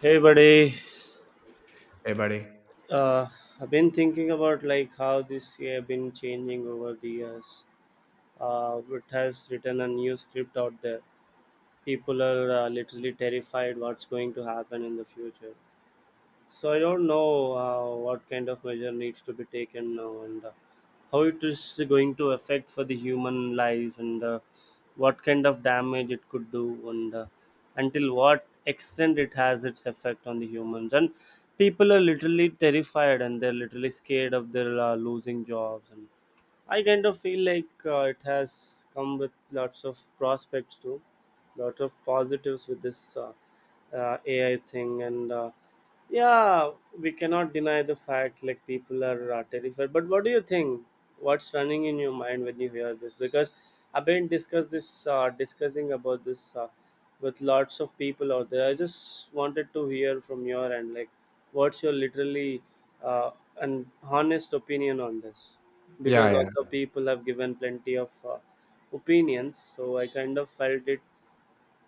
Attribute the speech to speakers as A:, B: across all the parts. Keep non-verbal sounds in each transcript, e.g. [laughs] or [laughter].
A: Hey buddy,
B: Hey, buddy.
A: uh, I've been thinking about like how this year been changing over the years. It has written a new script out there. People are literally terrified what's going to happen in the future. So I don't know what kind of measure needs to be taken now, and how it is going to affect for the human lives, and what kind of damage it could do, and until what extent it has its effect on the humans. And people are literally terrified, and they're literally scared of their losing jobs. And I kind of feel like it has come with lots of prospects too, lot of positives with this AI thing, and yeah, we cannot deny the fact like people are terrified. But what do you think? What's running in your mind when you hear this? Because I've been discussing about this with lots of people out there. I just wanted to hear from your end, like, what's your literally uh, an honest opinion on this?
B: Yeah,
A: Because also
B: yeah,
A: people have given plenty of opinions, so I kind of felt it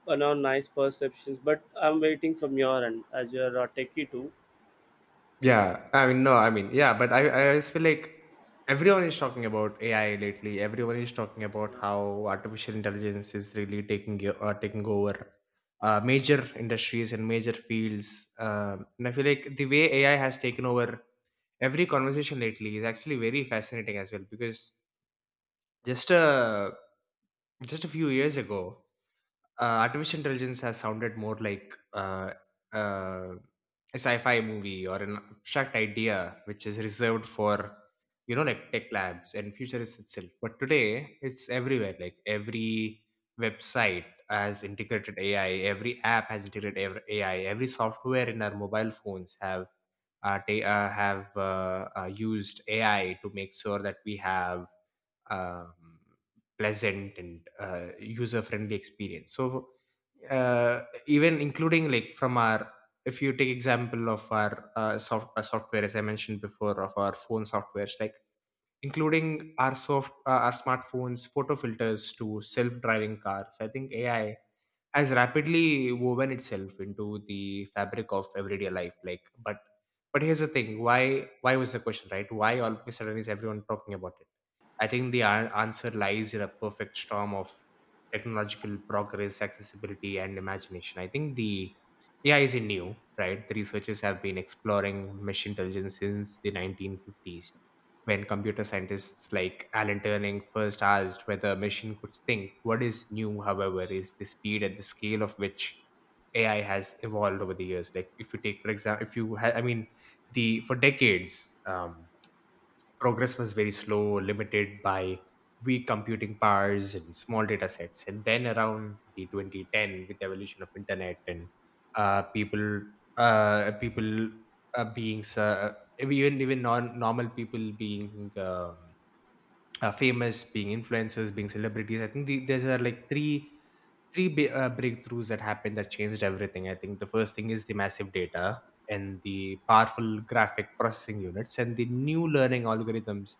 A: nice perceptions, but I'm waiting from your end, as you're a techie too.
B: yeah. I mean, no, I mean, yeah, but I always feel like everyone is talking about AI lately. Everyone is talking about how artificial intelligence is really taking over major industries and major fields. And I feel like the way AI has taken over every conversation lately is actually very fascinating as well because just a just a few years ago artificial intelligence has sounded more like uh, a sci-fi movie or an abstract idea which is reserved for like tech labs and futurists itself. But today it's everywhere, like every website has integrated AI, every app has AI, every software in our mobile phones have used AI to make sure that we have um, pleasant and user friendly experience. So even including like from our, if you take example of our software, as I mentioned before, of our phone softwares, like including our soft our smartphones photo filters to self driving cars, I think AI has rapidly woven itself into the fabric of everyday life. But here's the thing, why was the question, right? Why all of a sudden is everyone talking about it? I think the answer lies in a perfect storm of technological progress, accessibility, and imagination. I think the AI isn't new, right? The researchers have been exploring machine intelligence since the 1950s, when computer scientists like Alan Turing first asked whether a machine could think. What is new, however, is the speed and the scale of which AI has evolved over the years. Like, if you take, for example, if you, ha- I mean, the for decades, progress was very slow, limited by weak computing powers and small data sets. And then around the 2010, with the evolution of internet and uh, people, people being even non normal people being famous, being influencers, being celebrities. These are like breakthroughs that happened that changed everything. I think the first thing is the massive data and the powerful graphic processing units and the new learning algorithms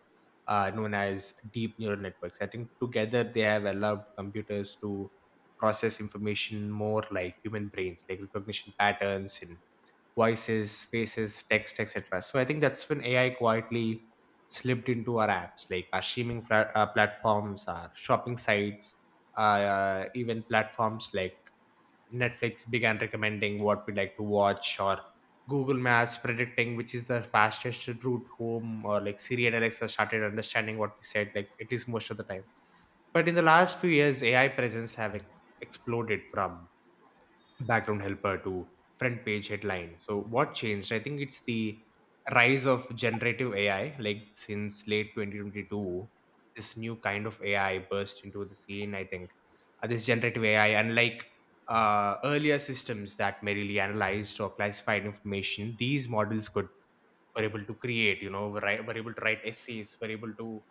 B: known as deep neural networks. I think together they have allowed computers to process information more like human brains, like recognition patterns and voices, faces, text, etc. So I think that's when AI quietly slipped into our apps, like our platforms, our shopping sites, even platforms like Netflix began recommending what we like to watch, or Google Maps predicting which is the fastest route home, or like Siri and Alexa started understanding what we said, like it is most of the time. But in the last few years, AI presence have exploded from background helper to front page headline. So what changed? I think it's the rise of generative AI. Like since late 2022, this new kind of AI burst into the scene. I think this generative AI, unlike earlier systems that merely analyzed or classified information, these models could were able to create. You know, were able to write essays, were able to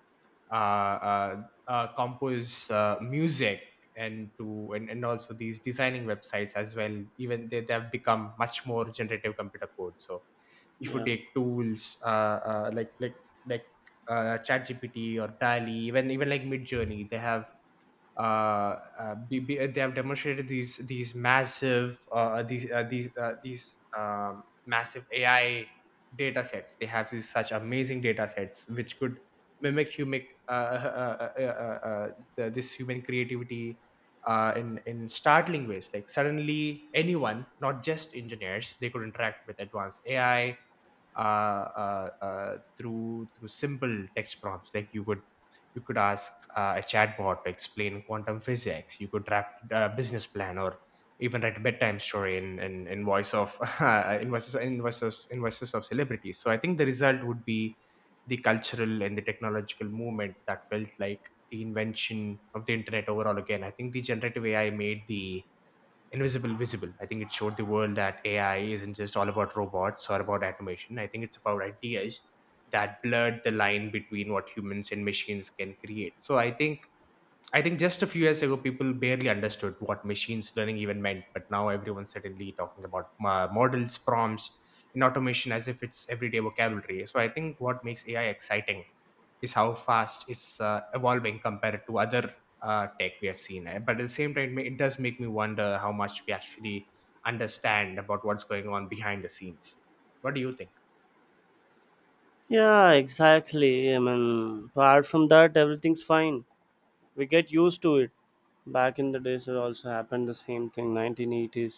B: uh, uh, compose music, and to, and also these designing websites as well, even they have become much more generative computer code. So if you
A: Yeah,
B: take tools like ChatGPT or dali, even like midjourney, they have they have demonstrated these massive AI data sets. They have these such amazing data sets which could mimic human uh, uh, uh, uh, uh, uh, this human creativity in startling ways. Like suddenly, anyone, not just engineers, they could interact with advanced AI uh, through simple text prompts. Like you could ask a chatbot to explain quantum physics, you could draft a business plan, or even write a bedtime story in voice of [laughs] in voices of celebrities. So I think the result would be the cultural and the technological movement that felt like the invention of the internet overall again. I think the generative AI made the Invisible Visible. I think it showed the world that AI isn't just all about robots or about automation. I think it's about ideas that blurred the line between what humans and machines can create. So I think just a few years ago, people barely understood what machines learning even meant, but now everyone's suddenly talking about models, prompts, and automation as if it's everyday vocabulary. So I think what makes AI exciting is how fast it's evolving compared to other tech we have seen. Eh. But at the same time, it does make me wonder how much we actually understand about what's going on behind the scenes. What do you think?
A: yeah. Exactly, I mean, apart from that, everything's fine. We get used to it. Back in the days, it also happened the same thing, 1980s,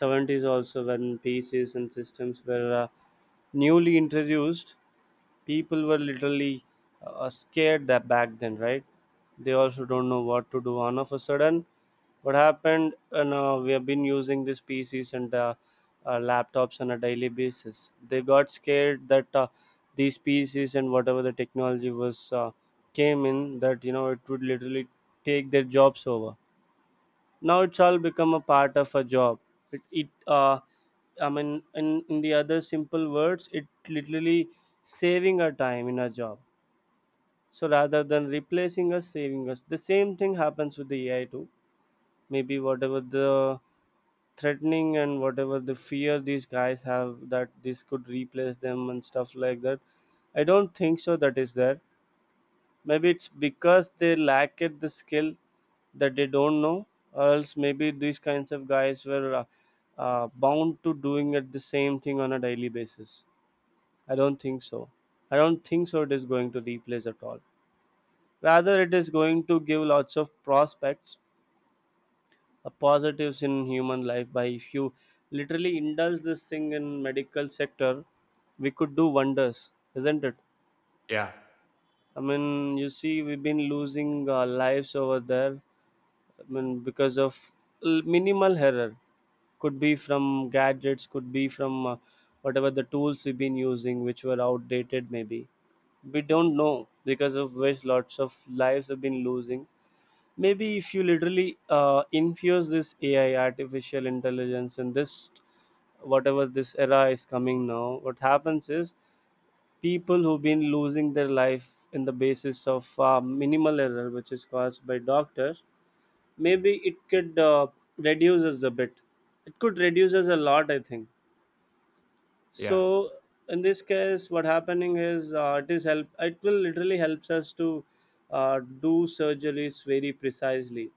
A: 70s, also when PCs and systems were newly introduced. People were literally scared that back then, right? They also don't know what to do. On of a sudden, what happened, we have been using these PCs and laptops on a daily basis. They got scared that these PCs and whatever the technology was came in, that, it would literally take their jobs over. Now it's all become a part of a job. It, I mean, in the other simple words, it literally saving our time in a job. So rather than replacing us, saving us. The same thing happens with the AI too. Maybe whatever the threatening and whatever the fear these guys have, that this could replace them and stuff like that, I don't think so that is there. Maybe it's because they lack it the skill, that they don't know. Or else maybe these kinds of guys were bound to doing it the same thing on a daily basis. I don't think so. I don't think so, it is going to replace at all. Rather, it is going to give lots of prospects, positives in human life. By if you literally indulge this thing in medical sector, we could do wonders, isn't it?
B: Yeah,
A: I mean, you see, we've been losing lives over there. I mean, because of minimal error. Could be from gadgets, could be from whatever the tools we've been using, which were outdated maybe, we don't know, because of which lots of lives have been losing. Maybe if you literally infuse this AI, artificial intelligence, in this, whatever this era is coming now, what happens is people who've been losing their life in the basis of minimal error which is caused by doctors, maybe it could reduce us a bit. It could reduce us a lot, I think.
B: yeah,
A: So in this case, what happening is, it will literally helps us to do surgeries very precisely.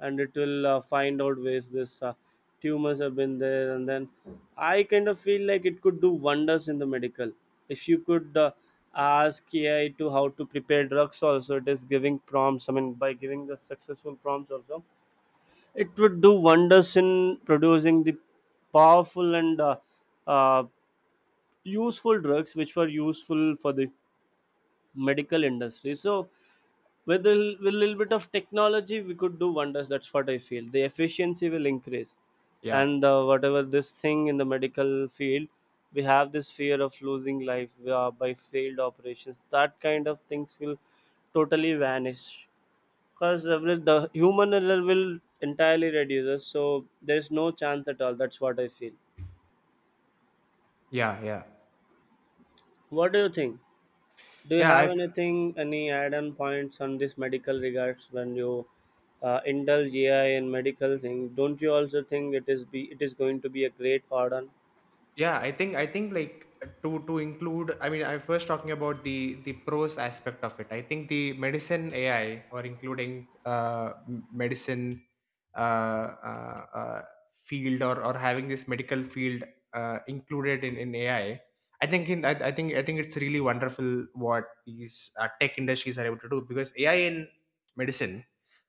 A: And it will find out ways this tumors have been there. And then I kind of feel like it could do wonders in the medical. If you could ask AI to how to prepare drugs also, it is giving prompts, I mean by giving the successful prompts also, it would do wonders in producing the powerful and uh, useful drugs which were useful for the medical industry. So, with with a little bit of technology, we could do wonders. That's what I feel. The efficiency will increase,
B: yeah,
A: and whatever this thing in the medical field, we have this fear of losing life by failed operations. That kind of things will totally vanish, because the human error will entirely reduce, so there's no chance at all. That's what I feel.
B: yeah, yeah.
A: What do you think? Do you
B: Yeah, I
A: have anything, any add-on points on this medical regards, when you indulge AI in medical thing? Don't you also think it is be it is going to be a great add-on?
B: yeah, I think like, to include, I mean, I first talking about the pros aspect of it. I think the medicine AI, or including medicine uh, uh, uh field, or having this medical field included in AI, I think in I think it's really wonderful what these tech industries are able to do, because AI in medicine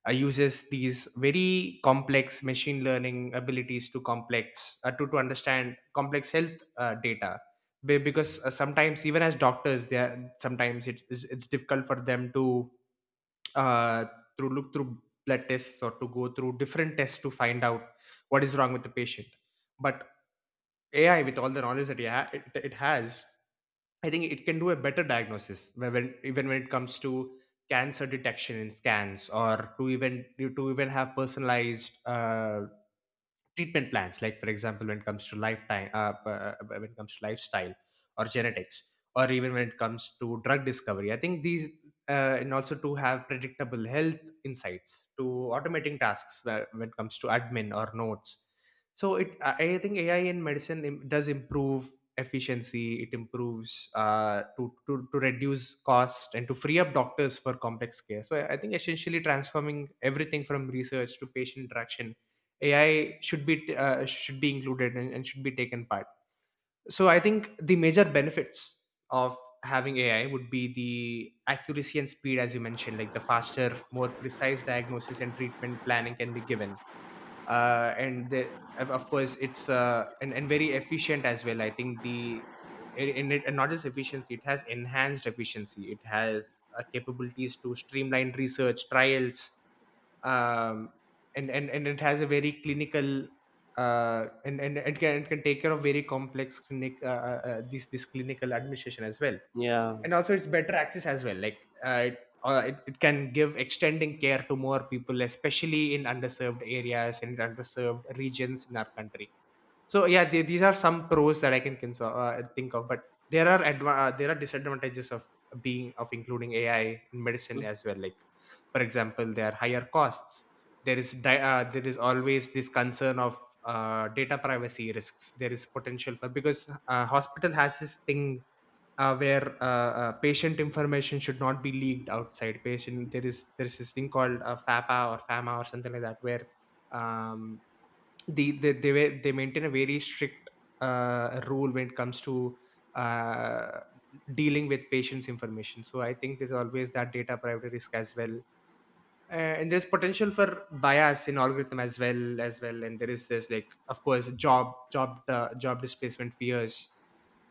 B: uses these very complex machine learning abilities to to understand complex health data. Because sometimes even as doctors they are, sometimes it's, it's difficult for them to uh, through look through blood tests or to go through different tests to find out what is wrong with the patient. But AI with all the knowledge that it has, I think it can do a better diagnosis whe- when even when it comes to cancer detection in scans, or to even have personalized treatment plans, like for example when it comes to lifestyle or genetics, or even when it comes to drug discovery. I think these and also to have predictable health insights, to automating tasks when it comes to admin or notes. So it I think AI in medicine does improve efficiency, it improves to reduce cost and to free up doctors for complex care. So I think essentially transforming everything from research to patient interaction, AI should be included, and should be taken part. So I think the major benefits of having AI would be the accuracy and speed, as you mentioned, like the faster, more precise diagnosis and treatment planning can be given, and of course it's and very efficient as well. I think the in it and not just efficiency, it has enhanced efficiency, it has capabilities to streamline research trials, um, and it has a very clinical and it can take care of very complex clinic this this clinical administration as well.
A: Yeah.
B: And also it's better access as well, like uh, it, it, it can give extending care to more people, especially in underserved areas and underserved regions in our country. So yeah, these are some pros that I can think of, but there are there are disadvantages of being of including AI in medicine
A: Mm.
B: as well. Like, for example, there are higher costs. There is there is always this concern of data privacy risks. There is potential for, because hospital has this thing where patient information should not be leaked outside patient. There is this thing called FAPA or FAMA or something like that where um, they maintain a very strict rule when it comes to uh, dealing with patients information. So I think there's always that data privacy risk as well. And there's potential for bias in algorithm as well. And there is this, like, of course, job displacement fears.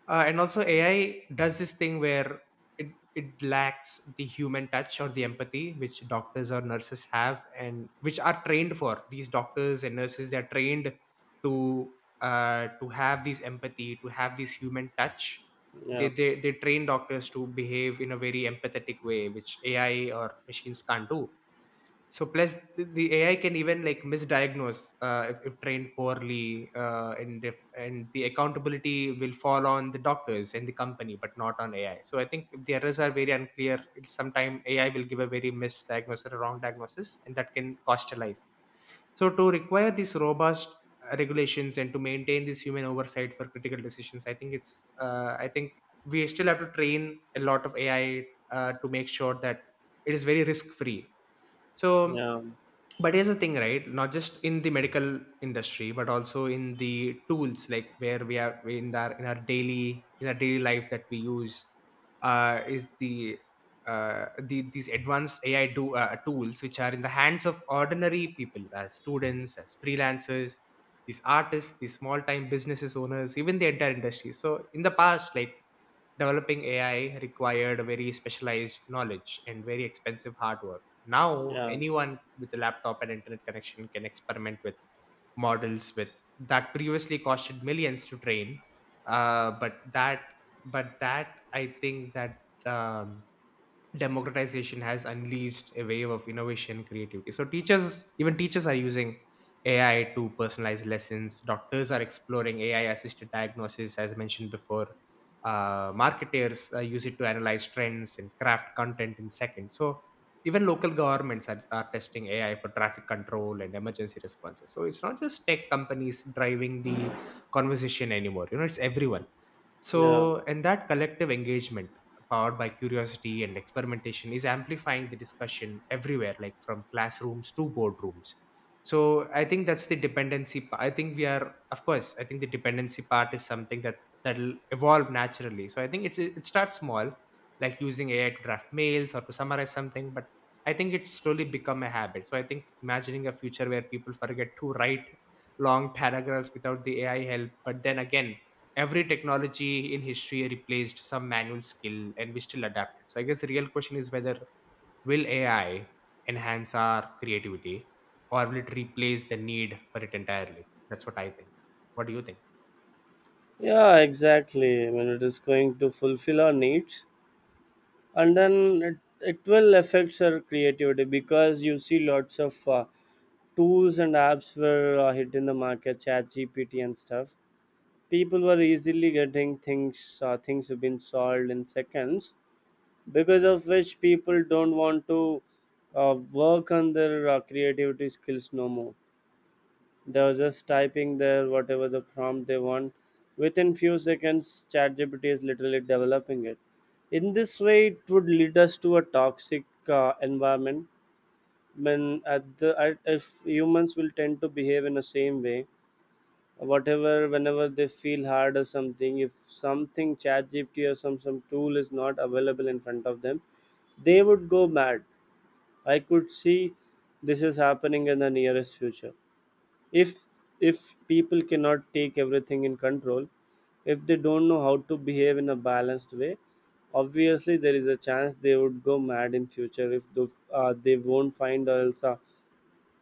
B: And also AI does this thing where it lacks the human touch or the empathy, which doctors or nurses have and which are trained for. These doctors and nurses, they're trained to to have this empathy, to have this human touch. they,
A: Yeah,
B: they they train doctors to behave in a very empathetic way, which AI or machines can't do. So plus the AI can even, like, misdiagnose if trained poorly, and if and the accountability will fall on the doctors and the company, but not on AI. So I think if the errors are very unclear, it's sometime AI will give a very misdiagnosis or a wrong diagnosis, and that can cost a life. So to require these robust regulations and to maintain this human oversight for critical decisions, I think we still have to train a lot of AI to make sure that it is very risk free. So.
A: yeah,
B: But here's the thing, right? Not just in the medical industry, but also in the tools like where we are in our daily life that we use. Is the these advanced AI tools, which are in the hands of ordinary people, as students, as freelancers, these artists, these small-time businesses owners, even the entire industry. So in the past, like, developing AI required very specialized knowledge and very expensive hard work. Now,
A: yeah,
B: anyone with a laptop and internet connection can experiment with models with that previously costed millions to train. Uh, but that, I think that um, democratization has unleashed a wave of innovation creativity. So teachers, even teachers, are using AI to personalize lessons. Doctors are exploring AI assisted diagnosis, as mentioned before. Marketers use it to analyze trends and craft content in seconds. So even local governments are testing AI for traffic control and emergency responses. So it's not just tech companies driving the conversation anymore, it's everyone.
A: yeah,
B: So and that collective engagement, powered by curiosity and experimentation, is amplifying the discussion everywhere, like from classrooms to boardrooms. So I think that's the dependency I think we are, of course, I think the dependency part is something that that'll evolve naturally. So I think it starts small, like using AI to draft mails or to summarize something, but I think it's slowly become a habit. So I think, imagining a future where people forget to write long paragraphs without the AI help, but then again, every technology in history replaced some manual skill, and we still adapt it. So I guess the real question is, whether will AI enhance our creativity, or will it replace the need for it entirely? That's what I think. What do you think?
A: yeah. Exactly, I mean, it is going to fulfill our needs. And then it will affect our creativity, because you see lots of tools and apps were hit in the market, chat gpt and stuff. People were easily getting things, things have been solved in seconds, because of which people don't want to work on their creativity skills no more. They were just typing their whatever the prompt they want. Within few seconds, ChatGPT is literally developing it. In this way, it would lead us to a toxic environment. When if humans will tend to behave in the same way, whatever, whenever they feel hard or something, if something ChatGPT or some tool is not available in front of them, they would go mad. I could see this is happening in the nearest future, if if people cannot take everything in control, if they don't know how to behave in a balanced way, obviously there is a chance they would go mad in future if they won't find, or else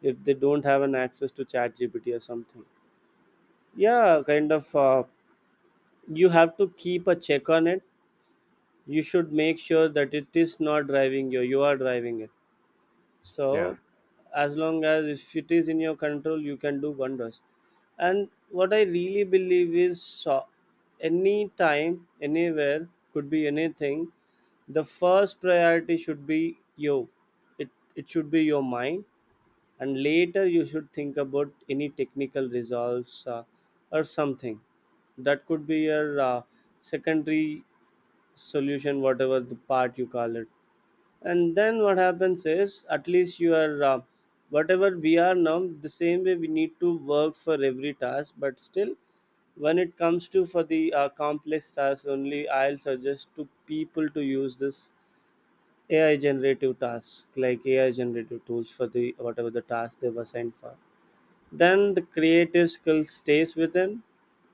A: if they don't have an access to chat gpt or something. Yeah, kind of. You have to keep a check on it. You should make sure that it is not driving you. You are driving it.
B: Yeah,
A: So as long as if it is in your control, you can do wonders. And what I really believe is, so, any time, anywhere, could be anything, the first priority should be you. It it should be your mind. And later, you should think about any technical results, or something. That could be your secondary solution, whatever the part you call it. And then what happens is, at least you are, whatever we are now, the same way we need to work for every task. But still, when it comes to, for the complex tasks only, I'll suggest to people to use this AI generative tasks, like AI generative tools for the whatever the task they've assigned for. Then the creative skill stays within,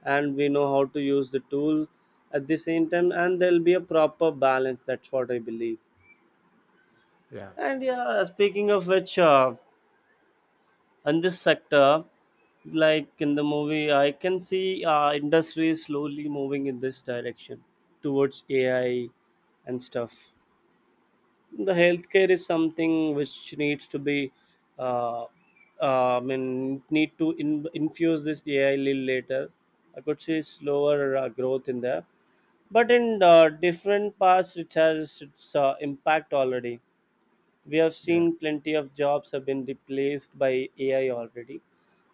A: and we know how to use the tool at the same time, and there'll be a proper balance. That's what I believe.
B: yeah,
A: And yeah, speaking of which, in this sector, like in the movie, I can see industry is slowly moving in this direction towards AI and stuff. The healthcare is something which needs to be, uh, I mean need to infuse this AI little later. I could see slower growth in there, but in different parts it has its impact already. We have
B: yeah,
A: seen plenty of jobs have been replaced by AI already,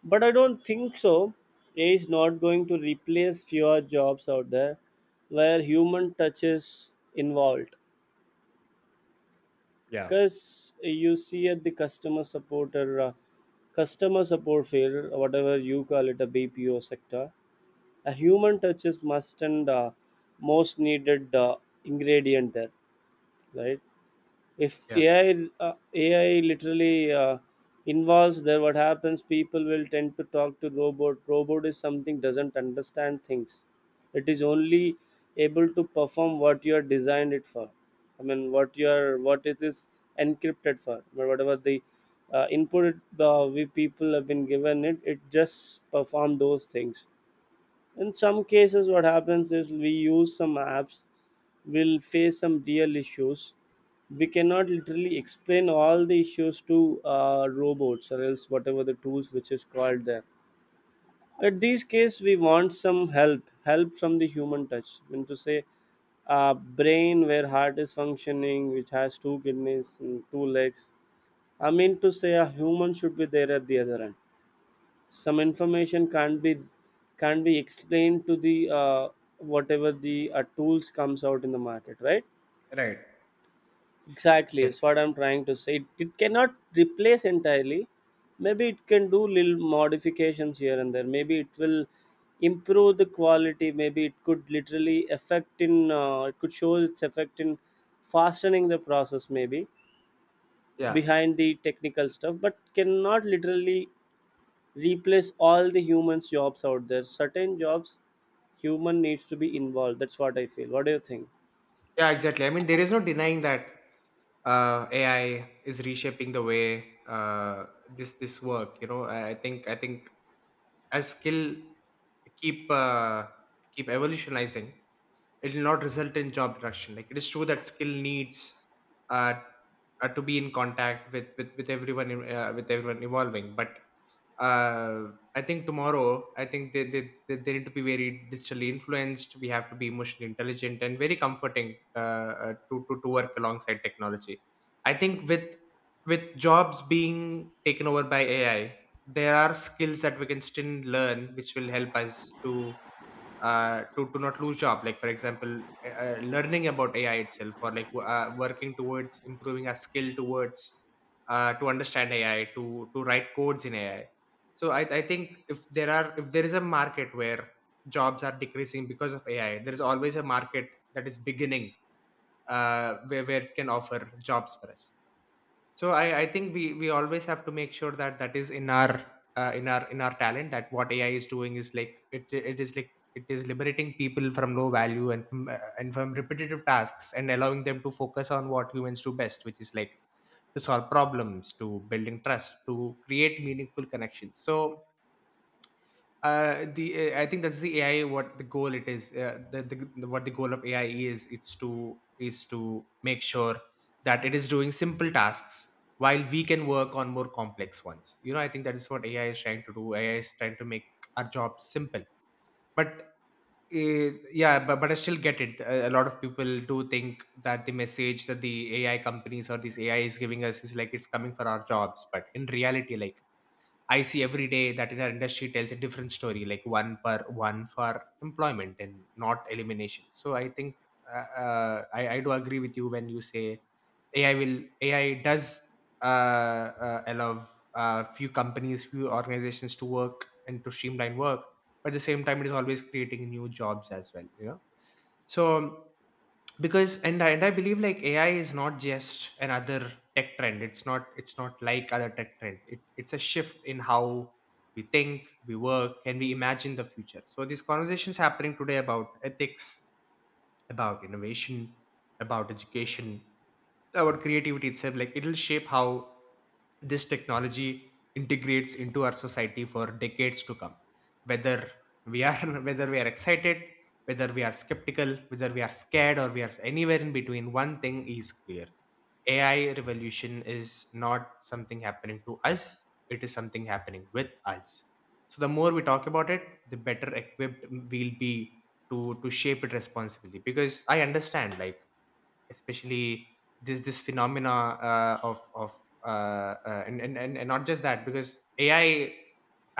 A: but I don't think so. AI is not going to replace fewer jobs out there where human touch is involved,
B: yeah,
A: because you see, at the customer support field, whatever you call it, a BPO sector, a human touch is must and most needed ingredient there, right? If
B: yeah.
A: AI, AI literally involves there, what happens? People will tend to talk to robot. Robot is something doesn't understand things. It is only able to perform what you are designed it for. I mean, what you are, what it is encrypted for. But whatever the input we people have been given it, it just perform those things. In some cases what happens is we use some apps, we'll face some real issues. We cannot literally explain all the issues to robots or else whatever the tools which is called there. At these case we want some help from the human touch, I mean to say brain where heart is functioning, which has two kidneys and two legs. I mean to say a human should be there at the other end. Some information can't be explained to the whatever the tools comes out in the market, right?
B: Right.
A: Exactly is what
B: Exactly.
A: I'm trying to say, it cannot replace entirely. Maybe it can do little modifications here and there, maybe it will improve the quality, maybe it could literally affect in it could show its effect in fastening the process maybe,
B: Yeah.
A: behind the technical stuff, but cannot literally replace all the humans jobs out there. Certain jobs human needs to be involved. That's what I feel. What do you think?
B: Yeah, exactly. I mean, there is no denying that AI is reshaping the way this work. You know, I think as skill keep uh, keep evolutionizing, it will not result in job reduction. Like, it is true that skill needs uh, to be in contact with everyone, with everyone evolving, but uh, I think tomorrow, I think they need to be very digitally influenced. We have to be emotionally intelligent and very comforting, to work alongside technology. I think with jobs being taken over by AI, there are skills that we can still learn, which will help us to not lose job. Like, for example, learning about AI itself, or like, working towards improving our skill towards to understand AI, to write codes in AI. So I think if there is a market where jobs are decreasing because of AI, there is always a market that is beginning, where it can offer jobs for us. So I think we always have to make sure that that is in our in our talent, that what AI is doing is, like, it is like, it is liberating people from low value, and from repetitive tasks, and allowing them to focus on what humans do best, which is like to solve problems, to building trust, to create meaningful connections. So the I think that's the AI, what the goal it is, the what the goal of AI is, it's to is to make sure that it is doing simple tasks while we can work on more complex ones, I think that is what AI is trying to do. AI is trying to make our job simple. But yeah, but I still get it. A lot of people do think that the message that the AI companies or these AI is giving us is like it's coming for our jobs, but in reality, like, I see every day that in our industry tells a different story, like one per one for employment and not elimination. So I think I do agree with you when you say AI will AI does allow, few companies, few organizations to work and to streamline work, but at the same time, it is always creating new jobs as well. You know. So. Because and I believe, like, AI is not just another tech trend. It's not like other tech trends. It's a shift in how we think, we work, and we imagine the future. So these conversations happening today, about ethics, about innovation, about education, our creativity itself, like, it'll shape how this technology integrates into our society for decades to come. Whether we are [laughs] whether we are excited, whether we are skeptical, whether we are scared, or we are anywhere in between, one thing is clear. AI revolution is not something happening to us, it is something happening with us. So the more we talk about it, the better equipped we'll be to shape it responsibly, because I understand, like, especially this phenomena of and not just that, because AI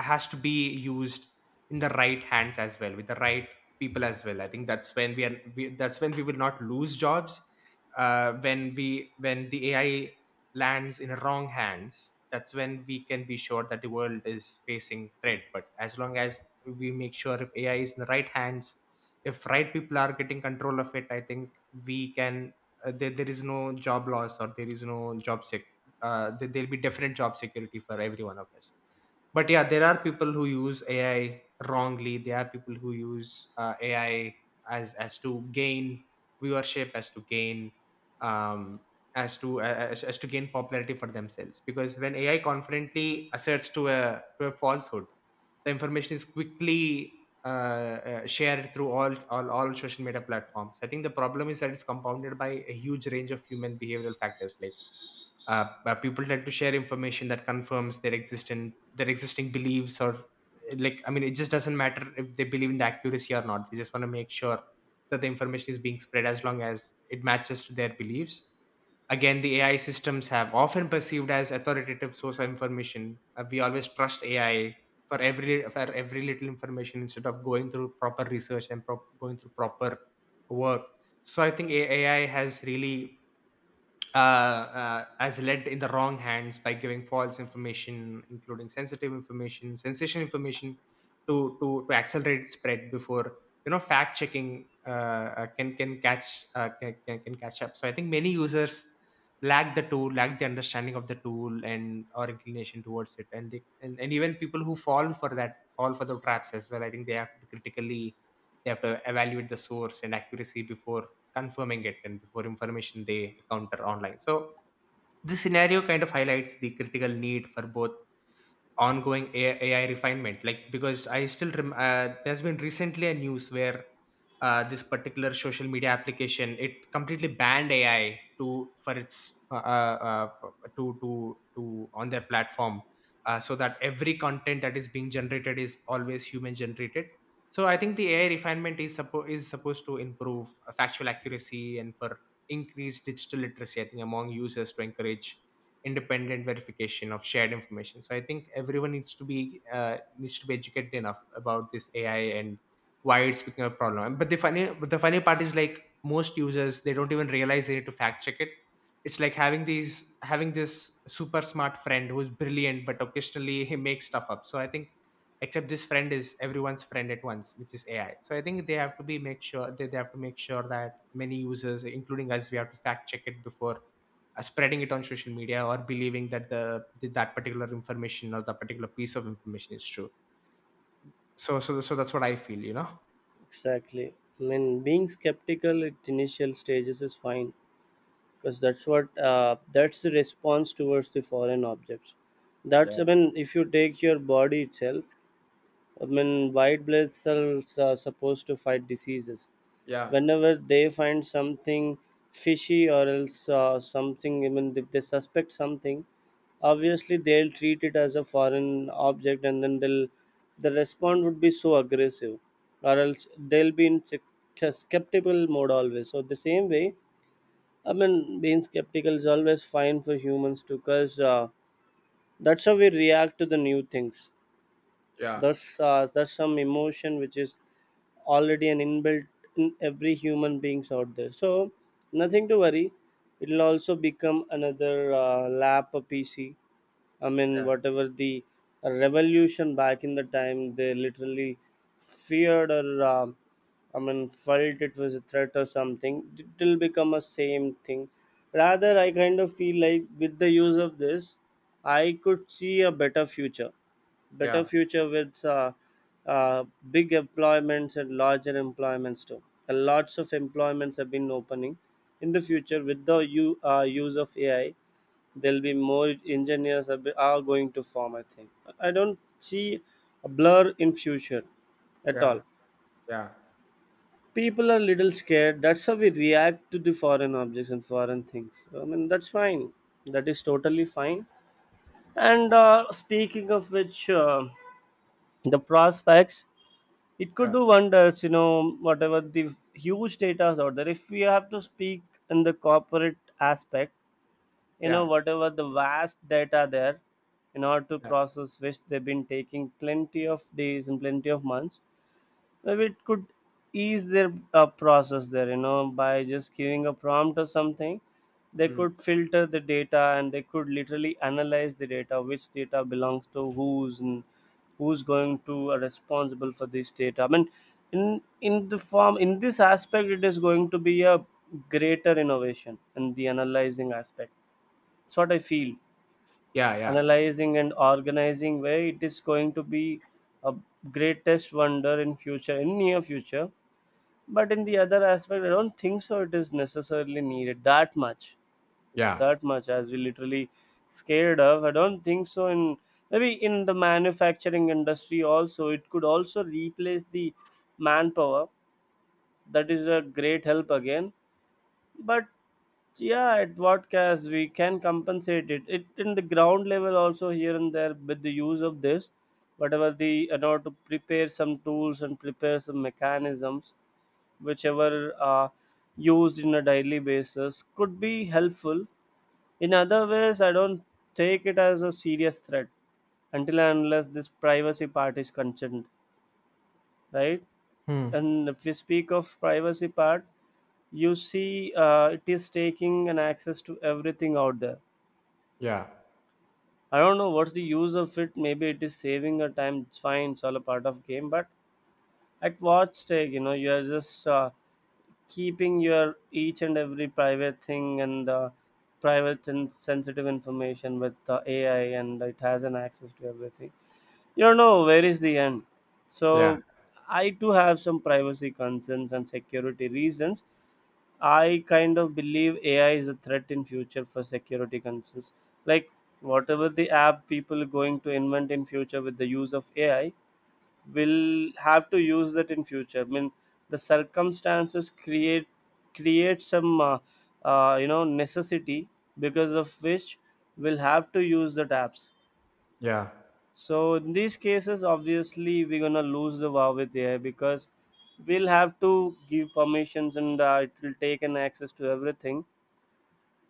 B: has to be used in the right hands as well, with the right people as well. I think that's when that's when we will not lose jobs, when the AI lands in wrong hands. That's when we can be sure that the world is facing threat. But as long as we make sure if AI is in the right hands, if right people are getting control of it, I think we can, there is no job loss, or there is no job sec there'll be definite job security for every one of us. But yeah, there are people who use AI wrongly, there are people who use AI as to gain viewership, as to gain um as to gain popularity for themselves, because when AI confidently asserts to a falsehood, the information is quickly shared through all social media platforms. I think the problem is that it's compounded by a huge range of human behavioral factors, like, people tend to share information that confirms their existing beliefs, or, like, I mean, it just doesn't matter if they believe in the accuracy or not. We just want to make sure that the information is being spread as long as it matches to their beliefs. Again, the AI systems have often perceived as authoritative source of information. We always trust AI for every little information, instead of going through proper research and going through proper work. So I think AI has really as led in the wrong hands by giving false information, including sensitive information, sensational information, to accelerate spread before fact checking can catch up. So I think many users lack the tool, lack the understanding of the tool and or inclination towards it, and even people who fall for that fall for the traps as well. I think they have to evaluate the source and accuracy before confirming it and before information they encounter online. So this scenario kind of highlights the critical need for both ongoing AI refinement. Like, because I still there's been recently a news where this particular social media application, it completely banned AI to for its for- to on their platform, so that every content that is being generated is always human generated. So I think the AI refinement is is supposed to improve factual accuracy and for increased digital literacy. I think, among users, to encourage independent verification of shared information. So I think everyone needs to be educated enough about this AI, and why it's becoming a problem. But the funny but the funny part is, like, most users, they don't even realize they need to fact check it. It's like having these having this super smart friend who's brilliant but occasionally he makes stuff up. So I think, except this friend is everyone's friend at once, which is AI. So I think they have to be make sure they have to make sure that many users, including us, we have to fact check it before spreading it on social media, or believing that the that particular information or that particular piece of information is true. So that's what I feel, you know.
A: Exactly. I mean, being skeptical at initial stages is fine because that's what that's the response towards the foreign objects. That's, I
B: Yeah,
A: mean, if you take your body itself, I mean, white blood cells are supposed to fight diseases.
B: yeah,
A: Whenever they find something fishy or else something, even if they suspect something, obviously they'll treat it as a foreign object, and then the response would be so aggressive, or else they'll be in skeptical mode always. So the same way, I mean, being skeptical is always fine for humans too, because that's how we react to the new things.
B: yeah,
A: That's that's some emotion which is already an inbuilt in every human beings out there. So nothing to worry. It'll also become another lap a PC, I mean,
B: yeah,
A: whatever the revolution back in the time, they literally feared or I mean, felt it was a threat or something. It will become a same thing. Rather, I kind of feel like with the use of this, I could see a better
B: yeah,
A: future with uh, big employments and larger employments too. And lots of employments have been opening in the future with the use of AI. There'll be more engineers are are going to form, I think. I don't see a blur in future at
B: yeah,
A: all.
B: yeah,
A: People are little scared, that's how we react to the foreign objects and foreign things. I mean, that's fine, that is totally fine. And speaking of which, the prospects, it could
B: yeah,
A: do wonders, you know, whatever the huge data is out there, if we have to speak in the corporate aspect. You know,
B: yeah,
A: whatever the vast data there, in order to
B: yeah.
A: process, which they've been taking plenty of days and plenty of months, maybe it could ease their process there, you know, by just giving a prompt or something. They
B: Mm.
A: could filter the data, and they could literally analyze the data, which data belongs to who's and who's going to are responsible for this data. I mean, in the form in this aspect it is going to be a greater innovation in the analyzing aspect, it's what I feel.
B: Yeah, yeah,
A: Analyzing and organizing, where it is going to be a greatest wonder in future, in near future. But in the other aspect, I don't think so. It is necessarily needed that much,
B: yeah.
A: that much as we literally scared of. I don't think so. In maybe in the manufacturing industry also, it could also replace the manpower. That is a great help again. But yeah, at vodcast we can compensate it in the ground level also, here and there, with the use of this, whatever the, in order to prepare some tools and prepare some mechanisms whichever are used in a daily basis, could be helpful. In other ways I don't take it as a serious threat, until and unless this privacy part is concerned, right?
B: Hmm.
A: And if you speak of privacy part, you see it is taking an access to everything out there.
B: Yeah,
A: I don't know what's the use of it. Maybe it is saving a time, it's fine, it's all a part of game, but at what stake, you know, you are just keeping your each and every private thing and private and sensitive information with AI, and it has an access to everything, you don't know where is the end. So
B: yeah,
A: I do have some privacy concerns and security reasons. I kind of believe AI is a threat in future for security concerns. Like whatever the app people are going to invent in future with the use of AI, will have to use that in future. I mean, the circumstances create some you know, necessity, because of which we'll have to use that apps.
B: yeah,
A: So in these cases, obviously we're gonna lose the war with AI, because we'll have to give permissions and it will take an access to everything,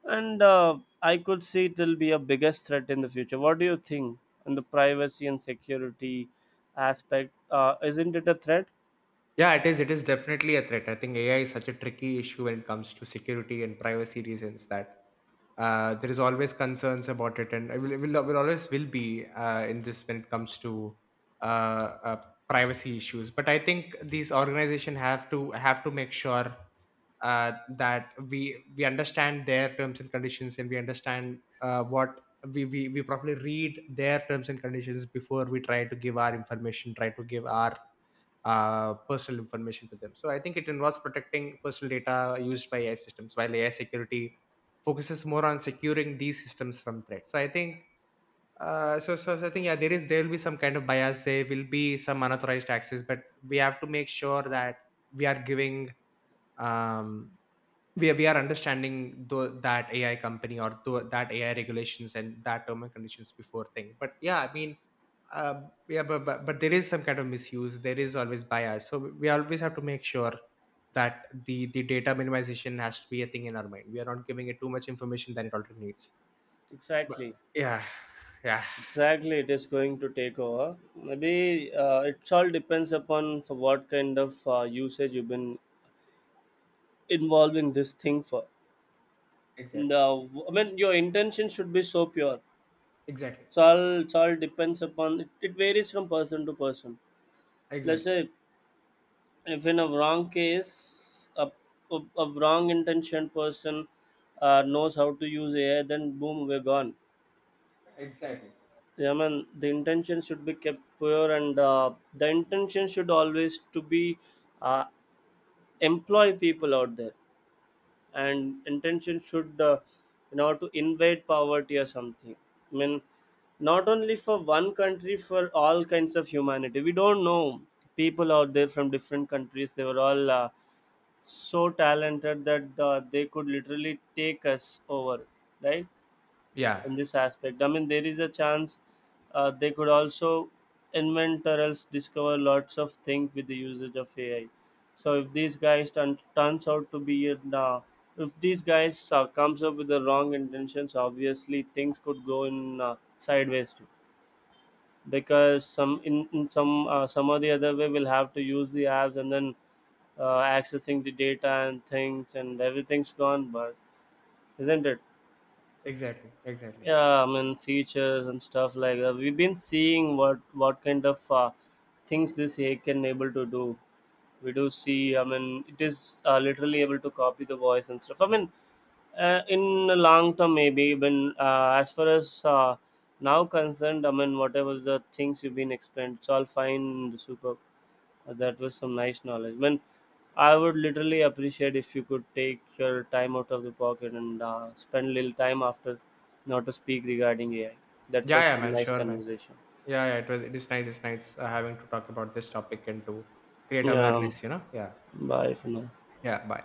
A: and I could see it will be a biggest threat in the future. What do you think? And the privacy and security aspect, isn't it a threat?
B: yeah, it is definitely a threat. I think AI is such a tricky issue when it comes to security and privacy reasons, that there is always concerns about it. And I will always will be, in this when it comes to uh, uh, privacy issues. But I think these organizations have to make sure uh, that we understand their terms and conditions, and we understand what we properly read their terms and conditions before we try to give our information, try to give our personal information to them. So I think it involves protecting personal data used by AI systems, while AI security focuses more on securing these systems from threats. So I think yeah, there will be some kind of bias. There will be some unauthorized access, but we have to make sure that we are giving um, we are understanding that AI company or that AI regulations and that term and conditions before thing. But yeah, I mean, uh, yeah, but there is some kind of misuse. There is always bias, so we always have to make sure that the data minimization has to be a thing in our mind. We are not giving it too much information than it already needs. But
A: Exactly.
B: yeah, yeah,
A: Exactly, it is going to take over. Maybe it all depends upon for what kind of usage you've been involved in this thing for.
B: exactly,
A: The, I mean, your intention should be so pure.
B: exactly,
A: It's all, it's all depends upon it, it varies from person to person. Let's
B: exactly,
A: say if in a wrong case, a wrong intention person knows how to use AI, then boom, we're gone.
B: exactly.
A: I mean, the intention should be kept pure, and the intention should always to be uh, employ people out there, and intention should you know, to invade poverty or something, I mean, not only for one country, for all kinds of humanity. We don't know, people out there from different countries, they were all so talented that they could literally take us over, right?
B: Yeah,
A: In this aspect, I mean, there is a chance they could also invent or else discover lots of things with the usage of AI. So if these guys turns out to be a, if these guys comes up with the wrong intentions, obviously things could go in sideways too, because some in some some or the other way we'll have to use the apps, and then accessing the data and things, and everything's gone, but isn't it?
B: exactly, exactly.
A: Yeah, I mean, features and stuff like that, we've been seeing what kind of things this AI can able to do. We do see, I mean, it is literally able to copy the voice and stuff. I mean in the long term, maybe when as far as now concerned, I mean, whatever the things you've been explained, it's all fine. Super, that was some nice knowledge. I mean, I would literally appreciate if you could take your time out of the pocket and spend a little time after not to speak regarding AI. That was
B: Yeah, yeah,
A: some
B: man,
A: nice
B: sure, man.
A: conversation.
B: Yeah, yeah, it was. It is nice. It's nice having to talk about this topic and to create
A: Yeah,
B: awareness. You know. Yeah.
A: bye for now.
B: Yeah. Bye.